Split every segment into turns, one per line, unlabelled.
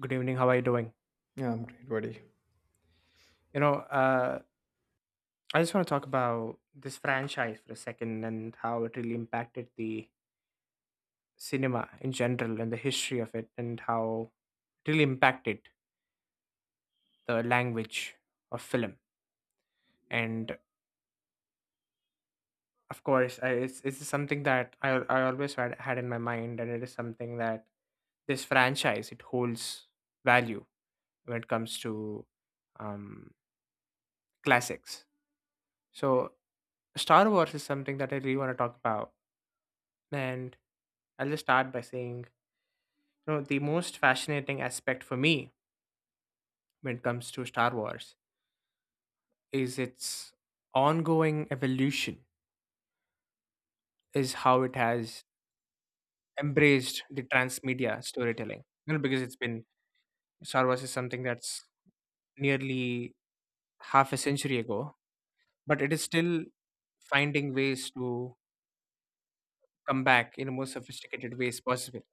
Good evening. How are you doing?
Yeah, I'm great, buddy.
You know, uh, I just want to talk about this franchise for a second and how it really impacted the cinema in general and the history of it and how it really impacted the language of film. And of course, it's something that I always had in my mind, and it is something that this franchise it holds value when it comes to um, classics. So, Star Wars is something that I really want to talk about, and I'll just start by saying, the most fascinating aspect for me when it comes to Star Wars is its ongoing evolution, is how it has embraced the transmedia storytelling. Because it's been Star Wars is something that's nearly half a century ago, but it is still finding ways to come back in the most sophisticated ways possible.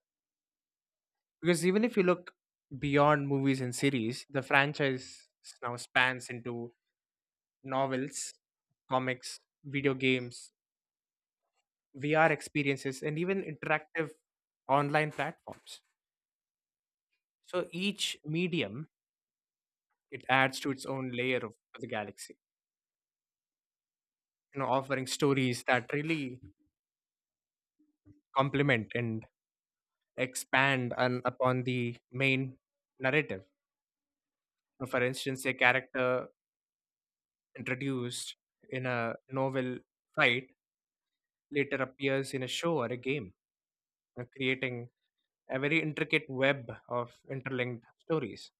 Because even if you look beyond movies and series, the franchise now spans into novels, comics, video games, VR experiences, and even interactive online platforms. So each medium it adds to its own layer of the galaxy, offering stories that really complement and expand upon the main narrative. So for instance, a character introduced in a novel fight later appears in a show or a game, creating a very intricate web of interlinked stories.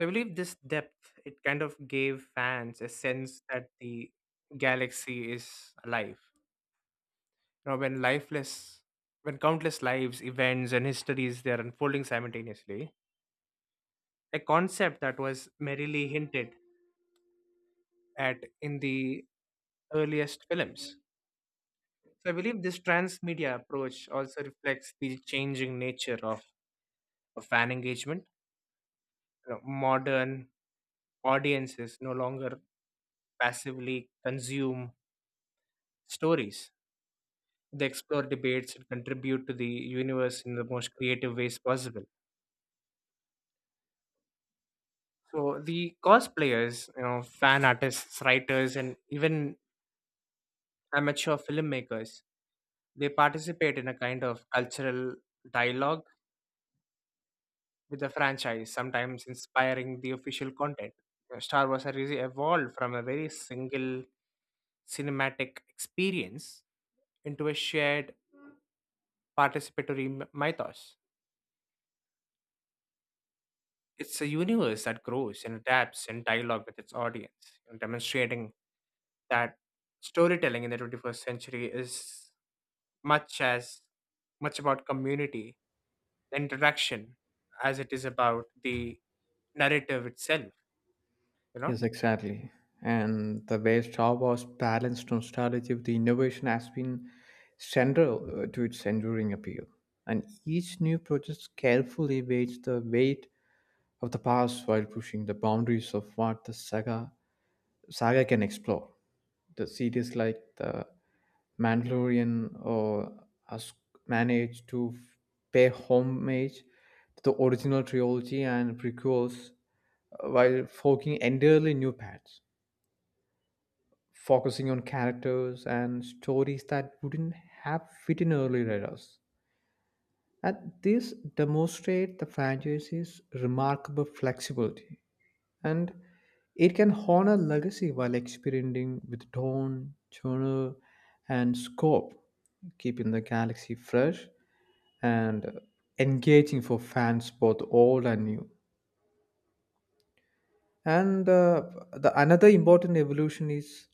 So, I believe this depth it kind of gave fans a sense that the galaxy is alive. You know, when lifeless, when countless lives, events, and histories they are unfolding simultaneously. A concept that was merely hinted at in the earliest films. So I believe this transmedia approach also reflects the changing nature of fan engagement. Modern audiences no longer passively consume stories. They explore debates and contribute to the universe in the most creative ways possible. So the cosplayers, fan artists, writers, and even amateur filmmakers, they participate in a kind of cultural dialogue with the franchise, sometimes inspiring the official content. Star Wars has really evolved from a very single cinematic experience into a shared participatory mythos. It's a universe that grows and adapts in dialogue with its audience, demonstrating that storytelling in the 21st century is much as much about community, the interaction, as it is about the narrative itself. You know,
Yes, exactly. And the way Star Wars balanced nostalgia with the innovation has been central to its enduring appeal. And each new project carefully weighs the weight of the past while pushing the boundaries of what the saga can explore. The series like The Mandalorian or Us managed to pay homage to the original trilogy and prequels while forging entirely new paths, focusing on characters and stories that wouldn't have fit in early radars. And this demonstrates the franchise's remarkable flexibility, and it can honor legacy while experimenting with tone, genre, and scope, keeping the galaxy fresh and engaging for fans both old and new. And The another important evolution is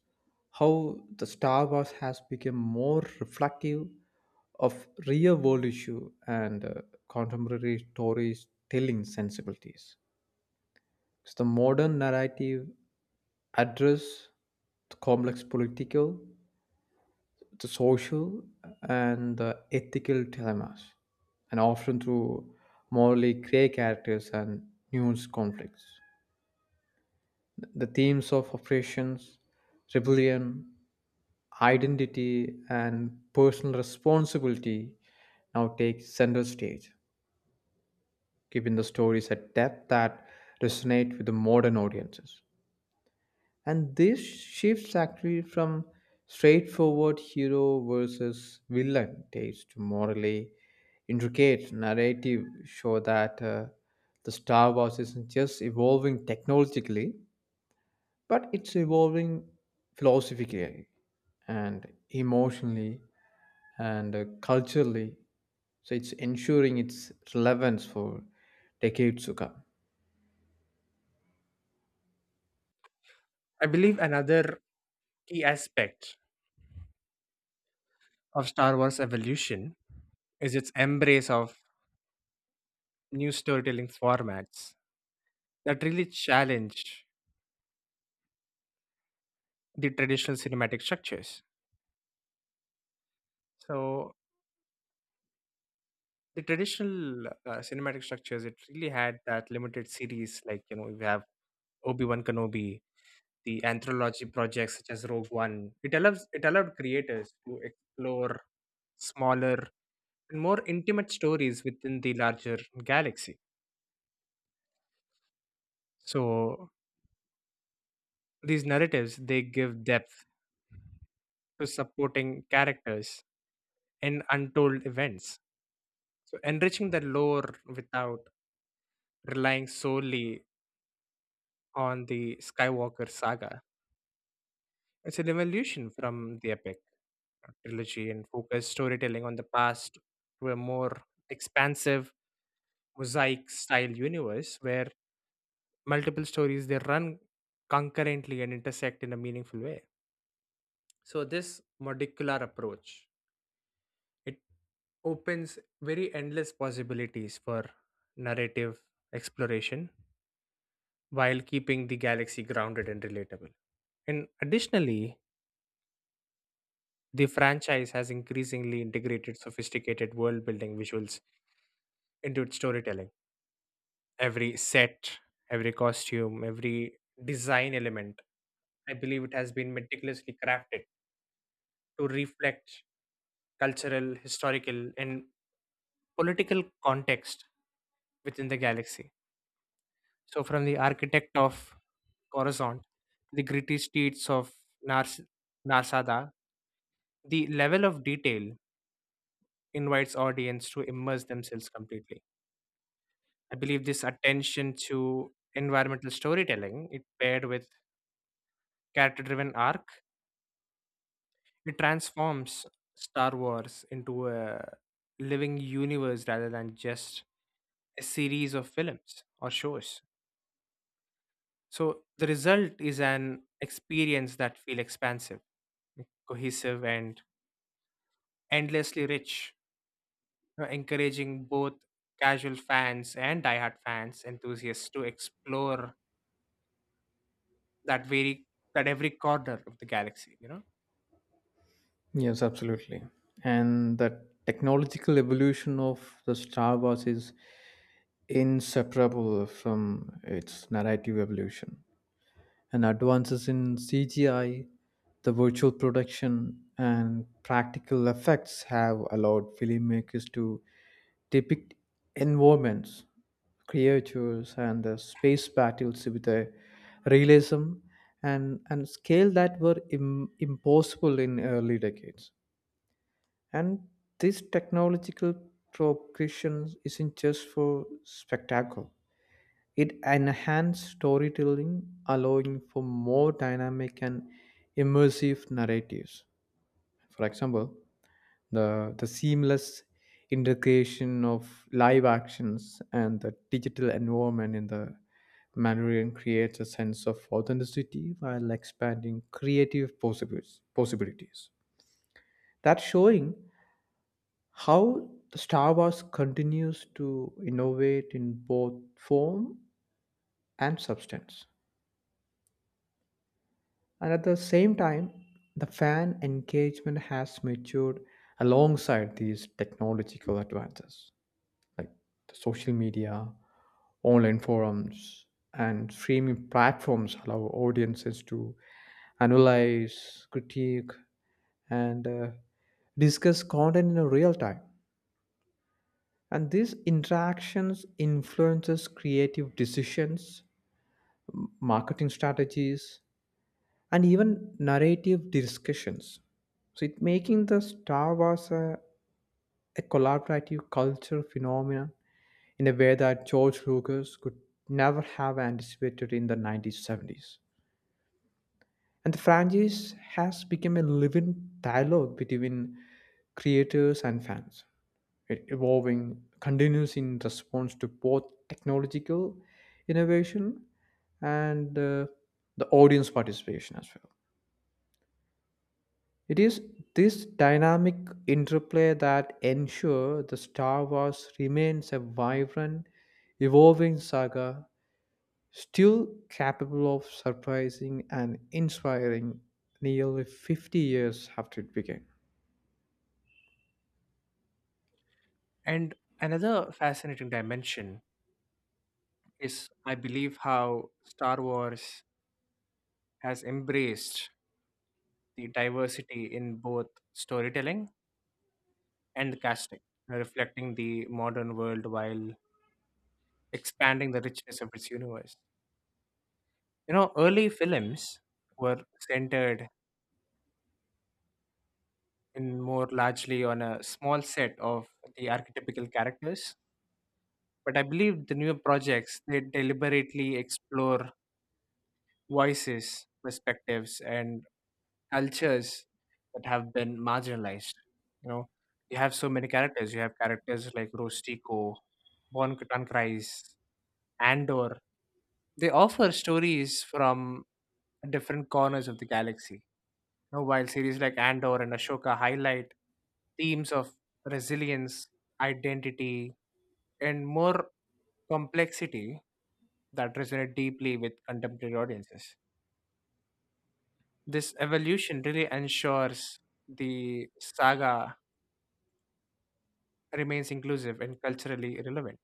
how the Star Wars has become more reflective of real world issue and contemporary stories telling sensibilities. Because the modern narrative address the complex political, the social, and the ethical dilemmas, and often through morally grey characters and nuanced conflicts. The themes of oppressions, rebellion, identity, and personal responsibility now take center stage, giving the stories a depth that resonate with the modern audiences. And this shifts actually from straightforward hero versus villain tales to morally intricate narrative show that the Star Wars isn't just evolving technologically, but it's evolving philosophically and emotionally and culturally. So it's ensuring its relevance for decades to come.
I believe another key aspect of Star Wars evolution is its embrace of new storytelling formats that really challenge the traditional cinematic structures. So the traditional cinematic structures it really had that limited series like you have Obi-Wan Kenobi, the anthology projects such as Rogue One, it allowed creators to explore smaller and more intimate stories within the larger galaxy. So these narratives they give depth to supporting characters and untold events, so enriching the lore without relying solely on the Skywalker saga. It's an evolution from the epic trilogy and focused storytelling on the past to a more expansive mosaic style universe where multiple stories they run concurrently and intersect in a meaningful way. So this modular approach it opens very endless possibilities for narrative exploration while keeping the galaxy grounded and relatable. And additionally, the franchise has increasingly integrated sophisticated world building visuals into its storytelling. Every set, every costume, every design element, I believe it has been meticulously crafted to reflect cultural, historical, and political context within the galaxy. So, from the architect of Coruscant, the gritty streets of Nars- Narsada, the level of detail invites audience to immerse themselves completely. I believe this attention to environmental storytelling, it paired with character-driven arc, it transforms Star Wars into a living universe rather than just a series of films or shows. So the result is an experience that feel expansive, cohesive, and endlessly rich, encouraging both casual fans and diehard fans enthusiasts to explore that very that every corner of the galaxy.
Yes, absolutely. And the technological evolution of the Star Wars is inseparable from its narrative evolution. And advances in CGI, the virtual production, and practical effects have allowed filmmakers to depict environments, creatures, and the space battles with a realism and scale that were impossible in early decades, and this technological progression isn't just for spectacle. It enhances storytelling, allowing for more dynamic and immersive narratives. For example, the seamless integration of live actions and the digital environment in the Mandalorian creates a sense of authenticity while expanding creative possibilities. That's showing how Star Wars continues to innovate in both form and substance. And at the same time, the fan engagement has matured alongside these technological advances, like the social media, online forums, and streaming platforms allow audiences to analyze, critique, and discuss content in a real time. And these interactions influences creative decisions, marketing strategies, and even narrative discussions. So it making the Star Wars a collaborative culture phenomenon in a way that George Lucas could never have anticipated in the 1970s. And the franchise has become a living dialogue between creators and fans. It evolving continues in response to both technological innovation and the audience participation as well. It is this dynamic interplay that ensure the Star Wars remains a vibrant, evolving saga, still capable of surprising and inspiring nearly 50 years after it began.
And another fascinating dimension is, I believe, how Star Wars has embraced the diversity in both storytelling and casting, reflecting the modern world while expanding the richness of its universe. Early films were centered in more largely on a small set of the archetypical characters, but I believe the newer projects they deliberately explore voices, perspectives, and cultures that have been marginalized. You know, you have so many characters. You have characters like Rostico, Von Tankrais, Andor. They offer stories from different corners of the galaxy. While series like Andor and Ashoka highlight themes of resilience, identity, and more complexity that resonate deeply with contemporary audiences. This evolution really ensures the saga remains inclusive and culturally relevant.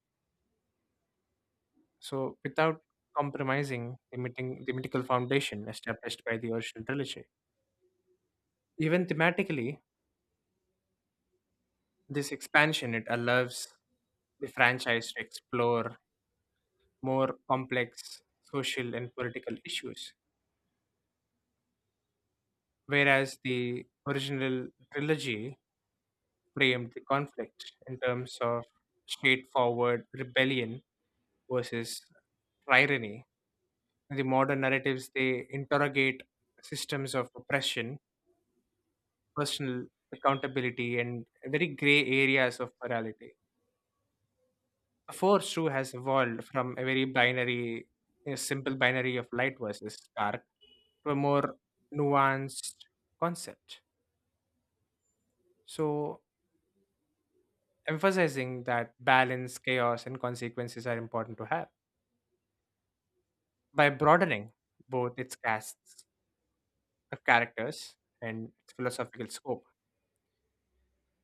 So, without compromising the mythical foundation established by the original trilogy. Even thematically, this expansion it allows the franchise to explore more complex social and political issues, whereas the original trilogy framed the conflict in terms of straightforward rebellion versus tyranny. The modern narratives they interrogate systems of oppression, personal accountability and very gray areas of morality. The force too has evolved from a simple binary of light versus dark to a more nuanced concept. So, emphasizing that balance, chaos, and consequences are important to have by broadening both its casts of characters and its philosophical scope.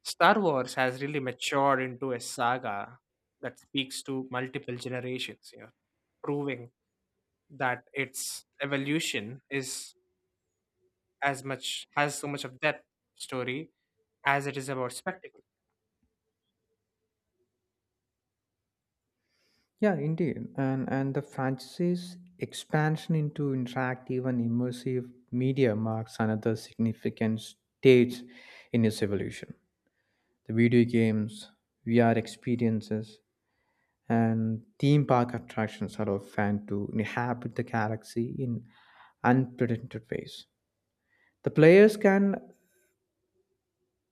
Star Wars has really matured into a saga that speaks to multiple generations, proving that its evolution is as much has so much of depth story as it is about spectacle.
Yeah, indeed. And the franchise's expansion into interactive and immersive media marks another significant stage in its evolution. The video games, VR experiences, and theme park attractions allow fans to inhabit the galaxy in unprecedented ways. The players can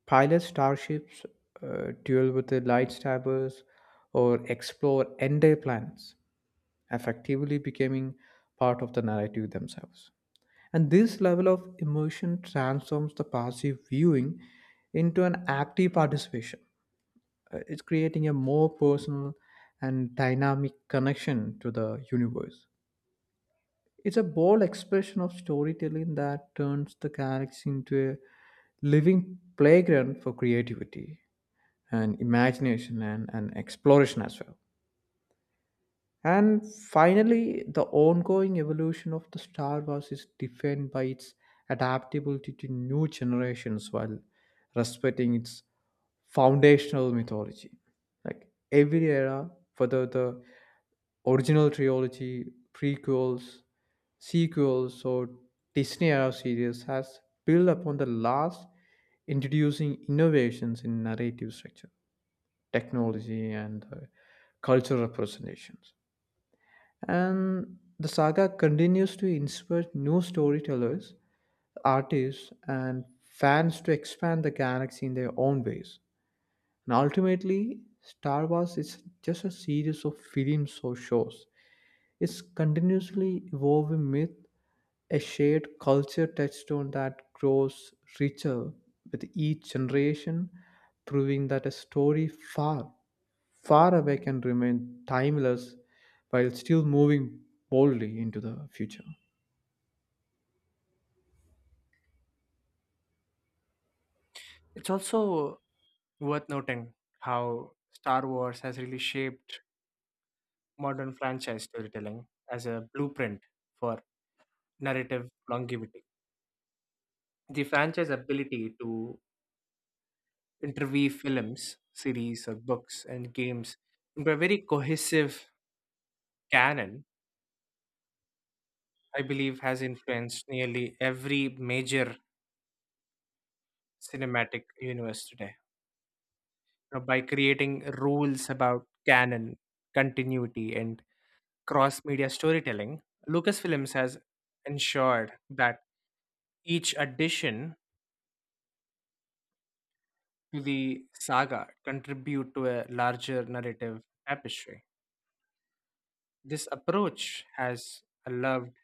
pilot starships, duel with the lightsabers, or explore entire planets, effectively becoming part of the narrative themselves. And this level of immersion transforms the passive viewing into an active participation. It's creating a more personal and dynamic connection to the universe. It's a bold expression of storytelling that turns the galaxy into a living playground for creativity and imagination and exploration as well. And finally, the ongoing evolution of the Star Wars is defined by its adaptability to new generations while respecting its foundational mythology. Like every era, whether the original trilogy, prequels, sequels, or Disney era series, has built upon the last, introducing innovations in narrative structure, technology, and cultural representations. And the saga continues to inspire new storytellers, artists, and fans to expand the galaxy in their own ways. And ultimately, Star Wars is just a series of films or shows is continuously evolving myth, a shared culture touchstone that grows richer with each generation, proving that a story far, far away can remain timeless while still moving boldly into the future.
It's also worth noting how Star Wars has really shaped modern franchise storytelling as a blueprint for narrative longevity. The franchise ability to interweave films, series, or books and games into a very cohesive canon, I believe, has influenced nearly every major cinematic universe today. By creating rules about canon, continuity, and cross media storytelling, Lucasfilms has ensured that each addition to the saga contribute to a larger narrative tapestry. This approach has allowed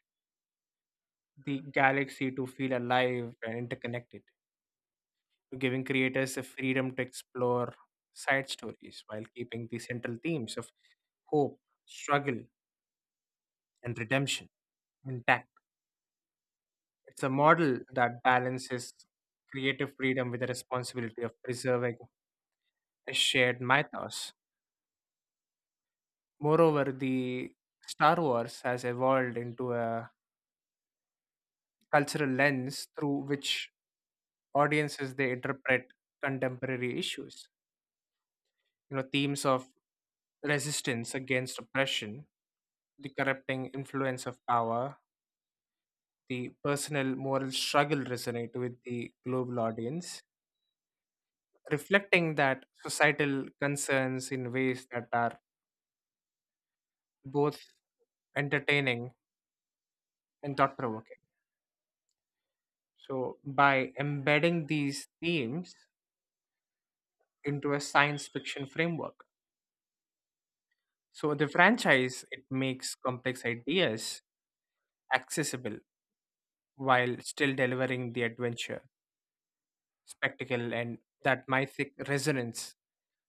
the galaxy to feel alive and interconnected, giving creators the freedom to explore side stories while keeping the central themes of hope, struggle, and redemption intact. It's a model that balances creative freedom with the responsibility of preserving a shared mythos. Moreover, the Star Wars has evolved into a cultural lens through which audiences they interpret contemporary issues. Themes of resistance against oppression, the corrupting influence of power, the personal moral struggle resonate with the global audience, reflecting that societal concerns in ways that are both entertaining and thought provoking. So, by embedding these themes into a science fiction framework, so the franchise it makes complex ideas accessible while still delivering the adventure, spectacle, and that mythic resonance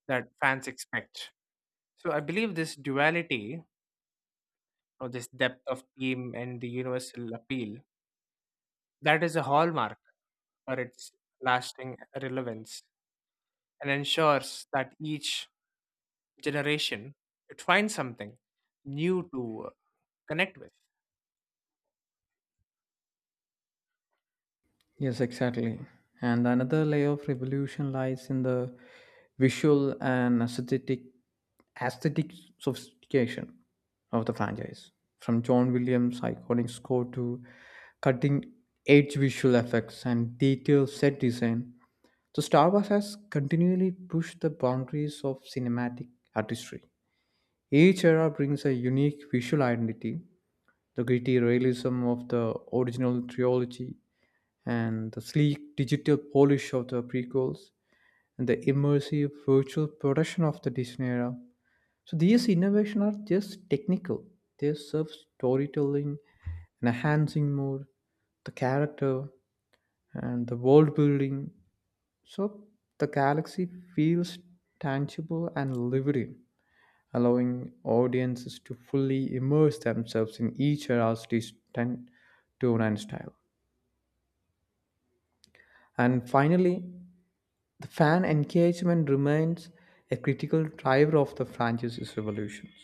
that fans expect. So, I believe this duality or this depth of theme and the universal appeal that is a hallmark for its lasting relevance and ensures that each generation it finds something new to connect with.
Yes, exactly. And another layer of revolution lies in the visual and aesthetic sophistication of the franchise. From John Williams' iconic score to cutting edge visual effects and detailed set design, so Star Wars has continually pushed the boundaries of cinematic artistry. Each era brings a unique visual identity, the gritty realism of the original trilogy and the sleek digital polish of the prequels and the immersive virtual production of the Disney era. So these innovations are just technical. They serve storytelling, enhancing more the character and the world building. So the galaxy feels tangible and living, allowing audiences to fully immerse themselves in each era's distant tone and style. And finally, the fan engagement remains a critical driver of the franchise's revolutions,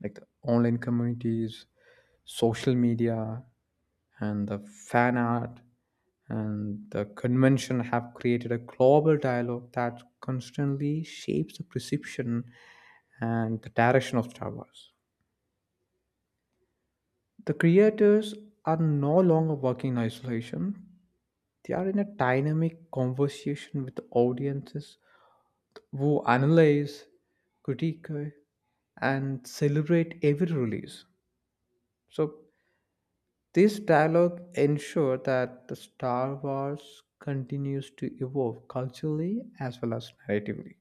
like the online communities, social media, and the fan art and the convention have created a global dialogue that constantly shapes the perception and the direction of Star Wars. The creators are no longer working in isolation. They are in a dynamic conversation with the audiences who analyze, critique, and celebrate every release. So this dialogue ensure that the Star Wars continues to evolve culturally as well as narratively.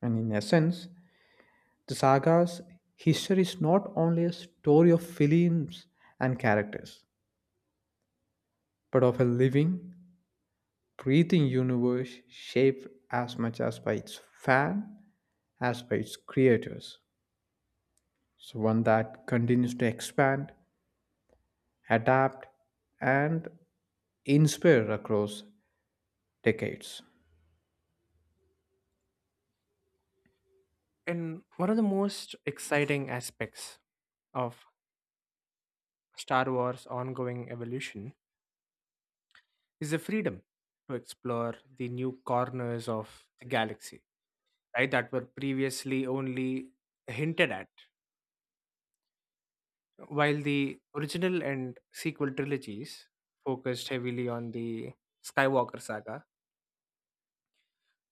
And in essence, the saga's history is not only a story of films and characters, but of a living, breathing universe shaped as much as by its fan as by its creators. So one that continues to expand, adapt, and inspire across decades.
And one of the most exciting aspects of Star Wars ongoing evolution is the freedom to explore the new corners of the galaxy, right, that were previously only hinted at while the original and sequel trilogies focused heavily on the Skywalker saga.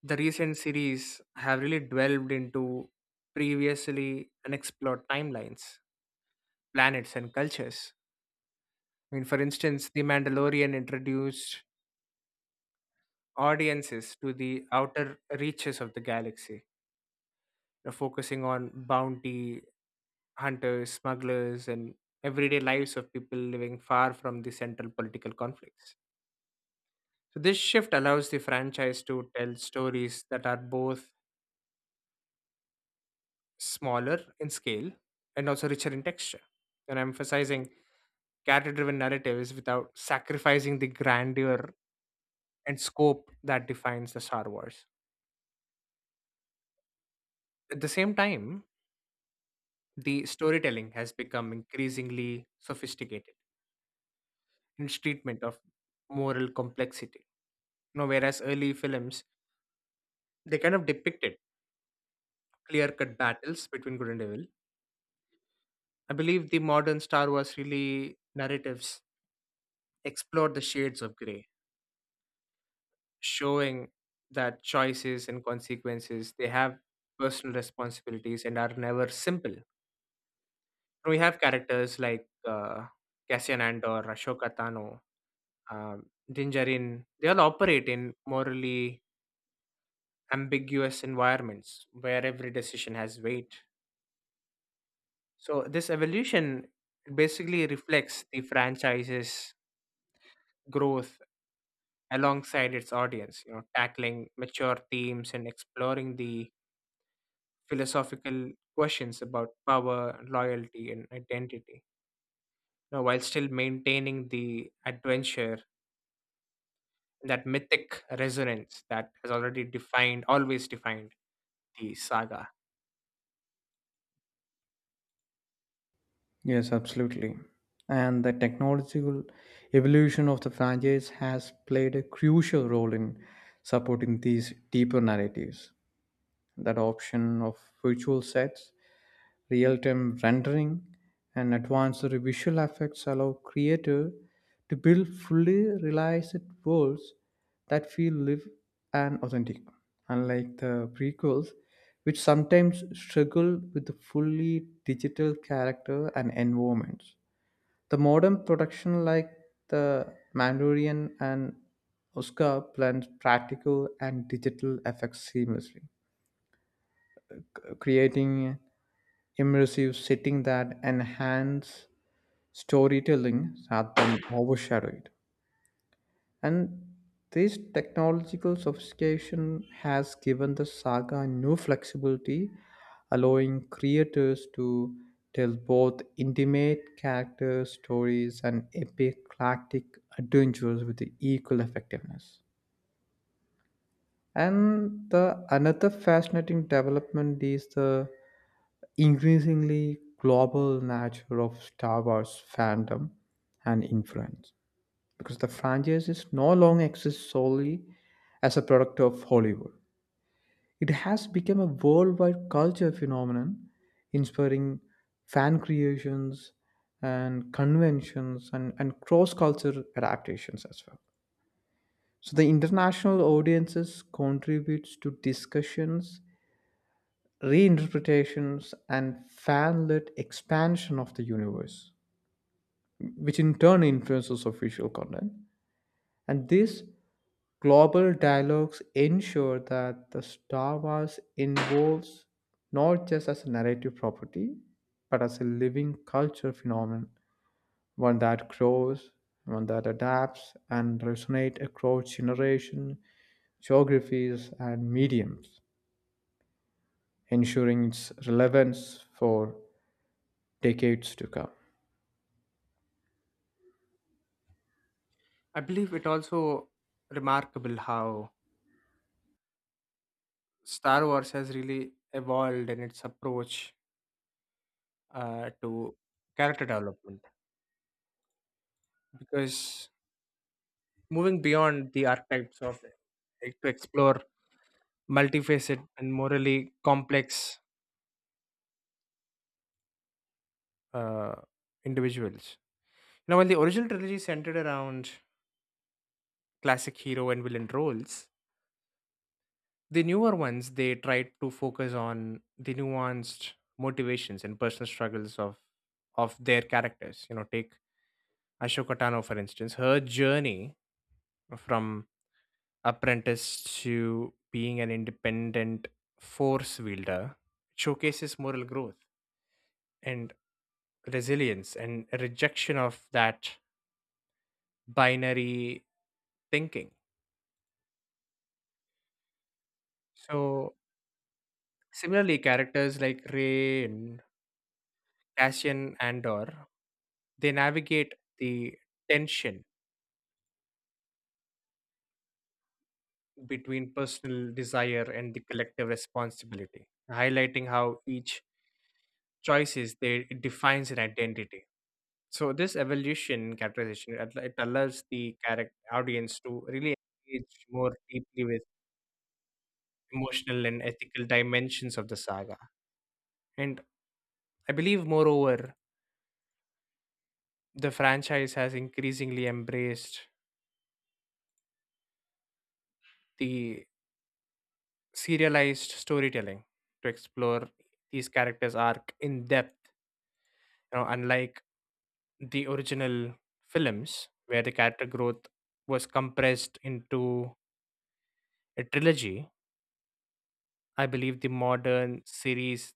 The recent series have really delved into previously unexplored timelines, planets, and cultures. I mean, for instance, The Mandalorian introduced audiences to the outer reaches of the galaxy, focusing on bounty hunters, smugglers, and everyday lives of people living far from the central political conflicts. So, this shift allows the franchise to tell stories that are both smaller in scale and also richer in texture. And I'm emphasizing character driven narratives without sacrificing the grandeur and scope that defines the Star Wars. At the same time, the storytelling has become increasingly sophisticated in its treatment of moral complexity. Whereas early films they kind of depicted clear cut battles between good and evil. I believe the modern Star Wars really narratives explore the shades of grey, showing that choices and consequences they have personal responsibilities and are never simple. We have characters like Cassian Andor, Ashoka Tano, Dinjarin. They all operate in morally ambiguous environments where every decision has weight. So this evolution basically reflects the franchise's growth alongside its audience. Tackling mature themes and exploring the philosophical questions about power, loyalty, and identity, while still maintaining the adventure, that mythic resonance that has always defined the saga.
Yes, absolutely. And the technological evolution of the franchise has played a crucial role in supporting these deeper narratives. That option of virtual sets real-time rendering, and advanced visual effects allow creators to build fully realized worlds that feel live and authentic. Unlike the prequels, which sometimes struggle with the fully digital character and environments. The modern production like the Mandalorian and Oscar blends practical and digital effects seamlessly, creating immersive setting that enhance storytelling rather than overshadow it. And this technological sophistication has given the saga new flexibility, allowing creators to tell both intimate character stories and epic galactic adventures with equal effectiveness. And the another fascinating development is the increasingly global nature of Star Wars fandom and influence because the franchise is no longer exists solely as a product of Hollywood. It has become a worldwide culture phenomenon, inspiring fan creations and conventions and cross cultural adaptations as well. So the international audiences contributes to discussions, reinterpretations, and fan-led expansion of the universe, which in turn influences official content. And these global dialogues ensure that the Star Wars involves not just as a narrative property, but as a living culture phenomenon, one that grows, one that adapts and resonates across generation geographies, and mediums, ensuring its relevance for decades to come.
I believe it also remarkable how Star Wars has really evolved in its approach to character development because moving beyond the archetypes of it to explore multifaceted and morally complex uh, individuals. Now, while the original trilogy centered around classic hero and villain roles, the newer ones they tried to focus on the nuanced motivations and personal struggles of their characters. Take Ashoka Tano for instance, her journey from apprentice to being an independent force wielder showcases moral growth and resilience and rejection of that binary thinking. So similarly, characters like Ray and Cassian Andor, they navigate the tension between personal desire and the collective responsibility, highlighting how each choices they it defines an identity. So this evolution characterization it allows the character audience to really engage more deeply with emotional and ethical dimensions of the saga. And I believe moreover, the franchise has increasingly embraced the serialized storytelling to explore these characters' arc in depth. Unlike the original films where the character growth was compressed into a trilogy, I believe the modern series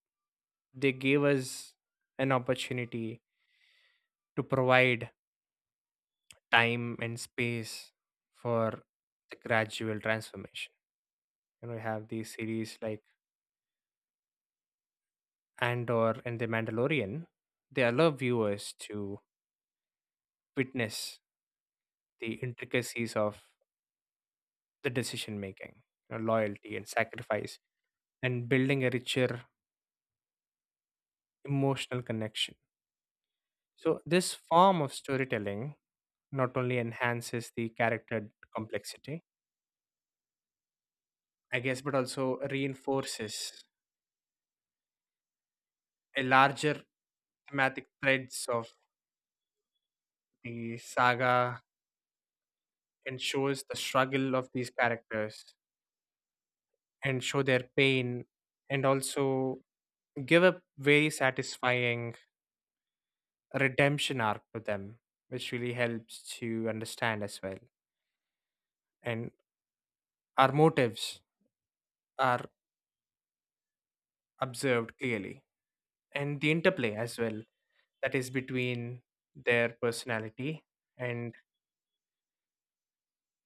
they gave us an opportunity to provide time and space for the gradual transformation. We have these series like Andor and The Mandalorian. They allow viewers to witness the intricacies of the decision making, loyalty and sacrifice, and building a richer emotional connection. So, this form of storytelling not only enhances the character complexity, I guess, but also reinforces a larger thematic threads of the saga and shows the struggle of these characters and show their pain and also give a very satisfying redemption arc to them, which really helps to understand as well. And our motives are observed clearly, and the interplay as well that is between their personality and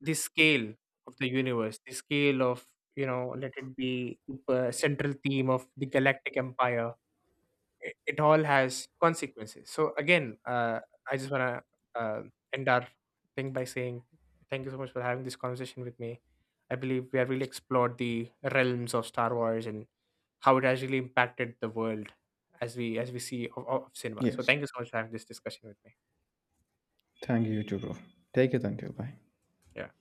the scale the scale of, let it be the central theme of the galactic empire, it all has consequences. So again, I just want to end our thing by saying thank you so much for having this conversation with me. I believe we have really explored the realms of Star Wars and how it has really impacted the world as we see of cinema. So
Yes.
thank you so much for having this discussion with me.
Thank you, Juro. Take it until bye.
Yeah.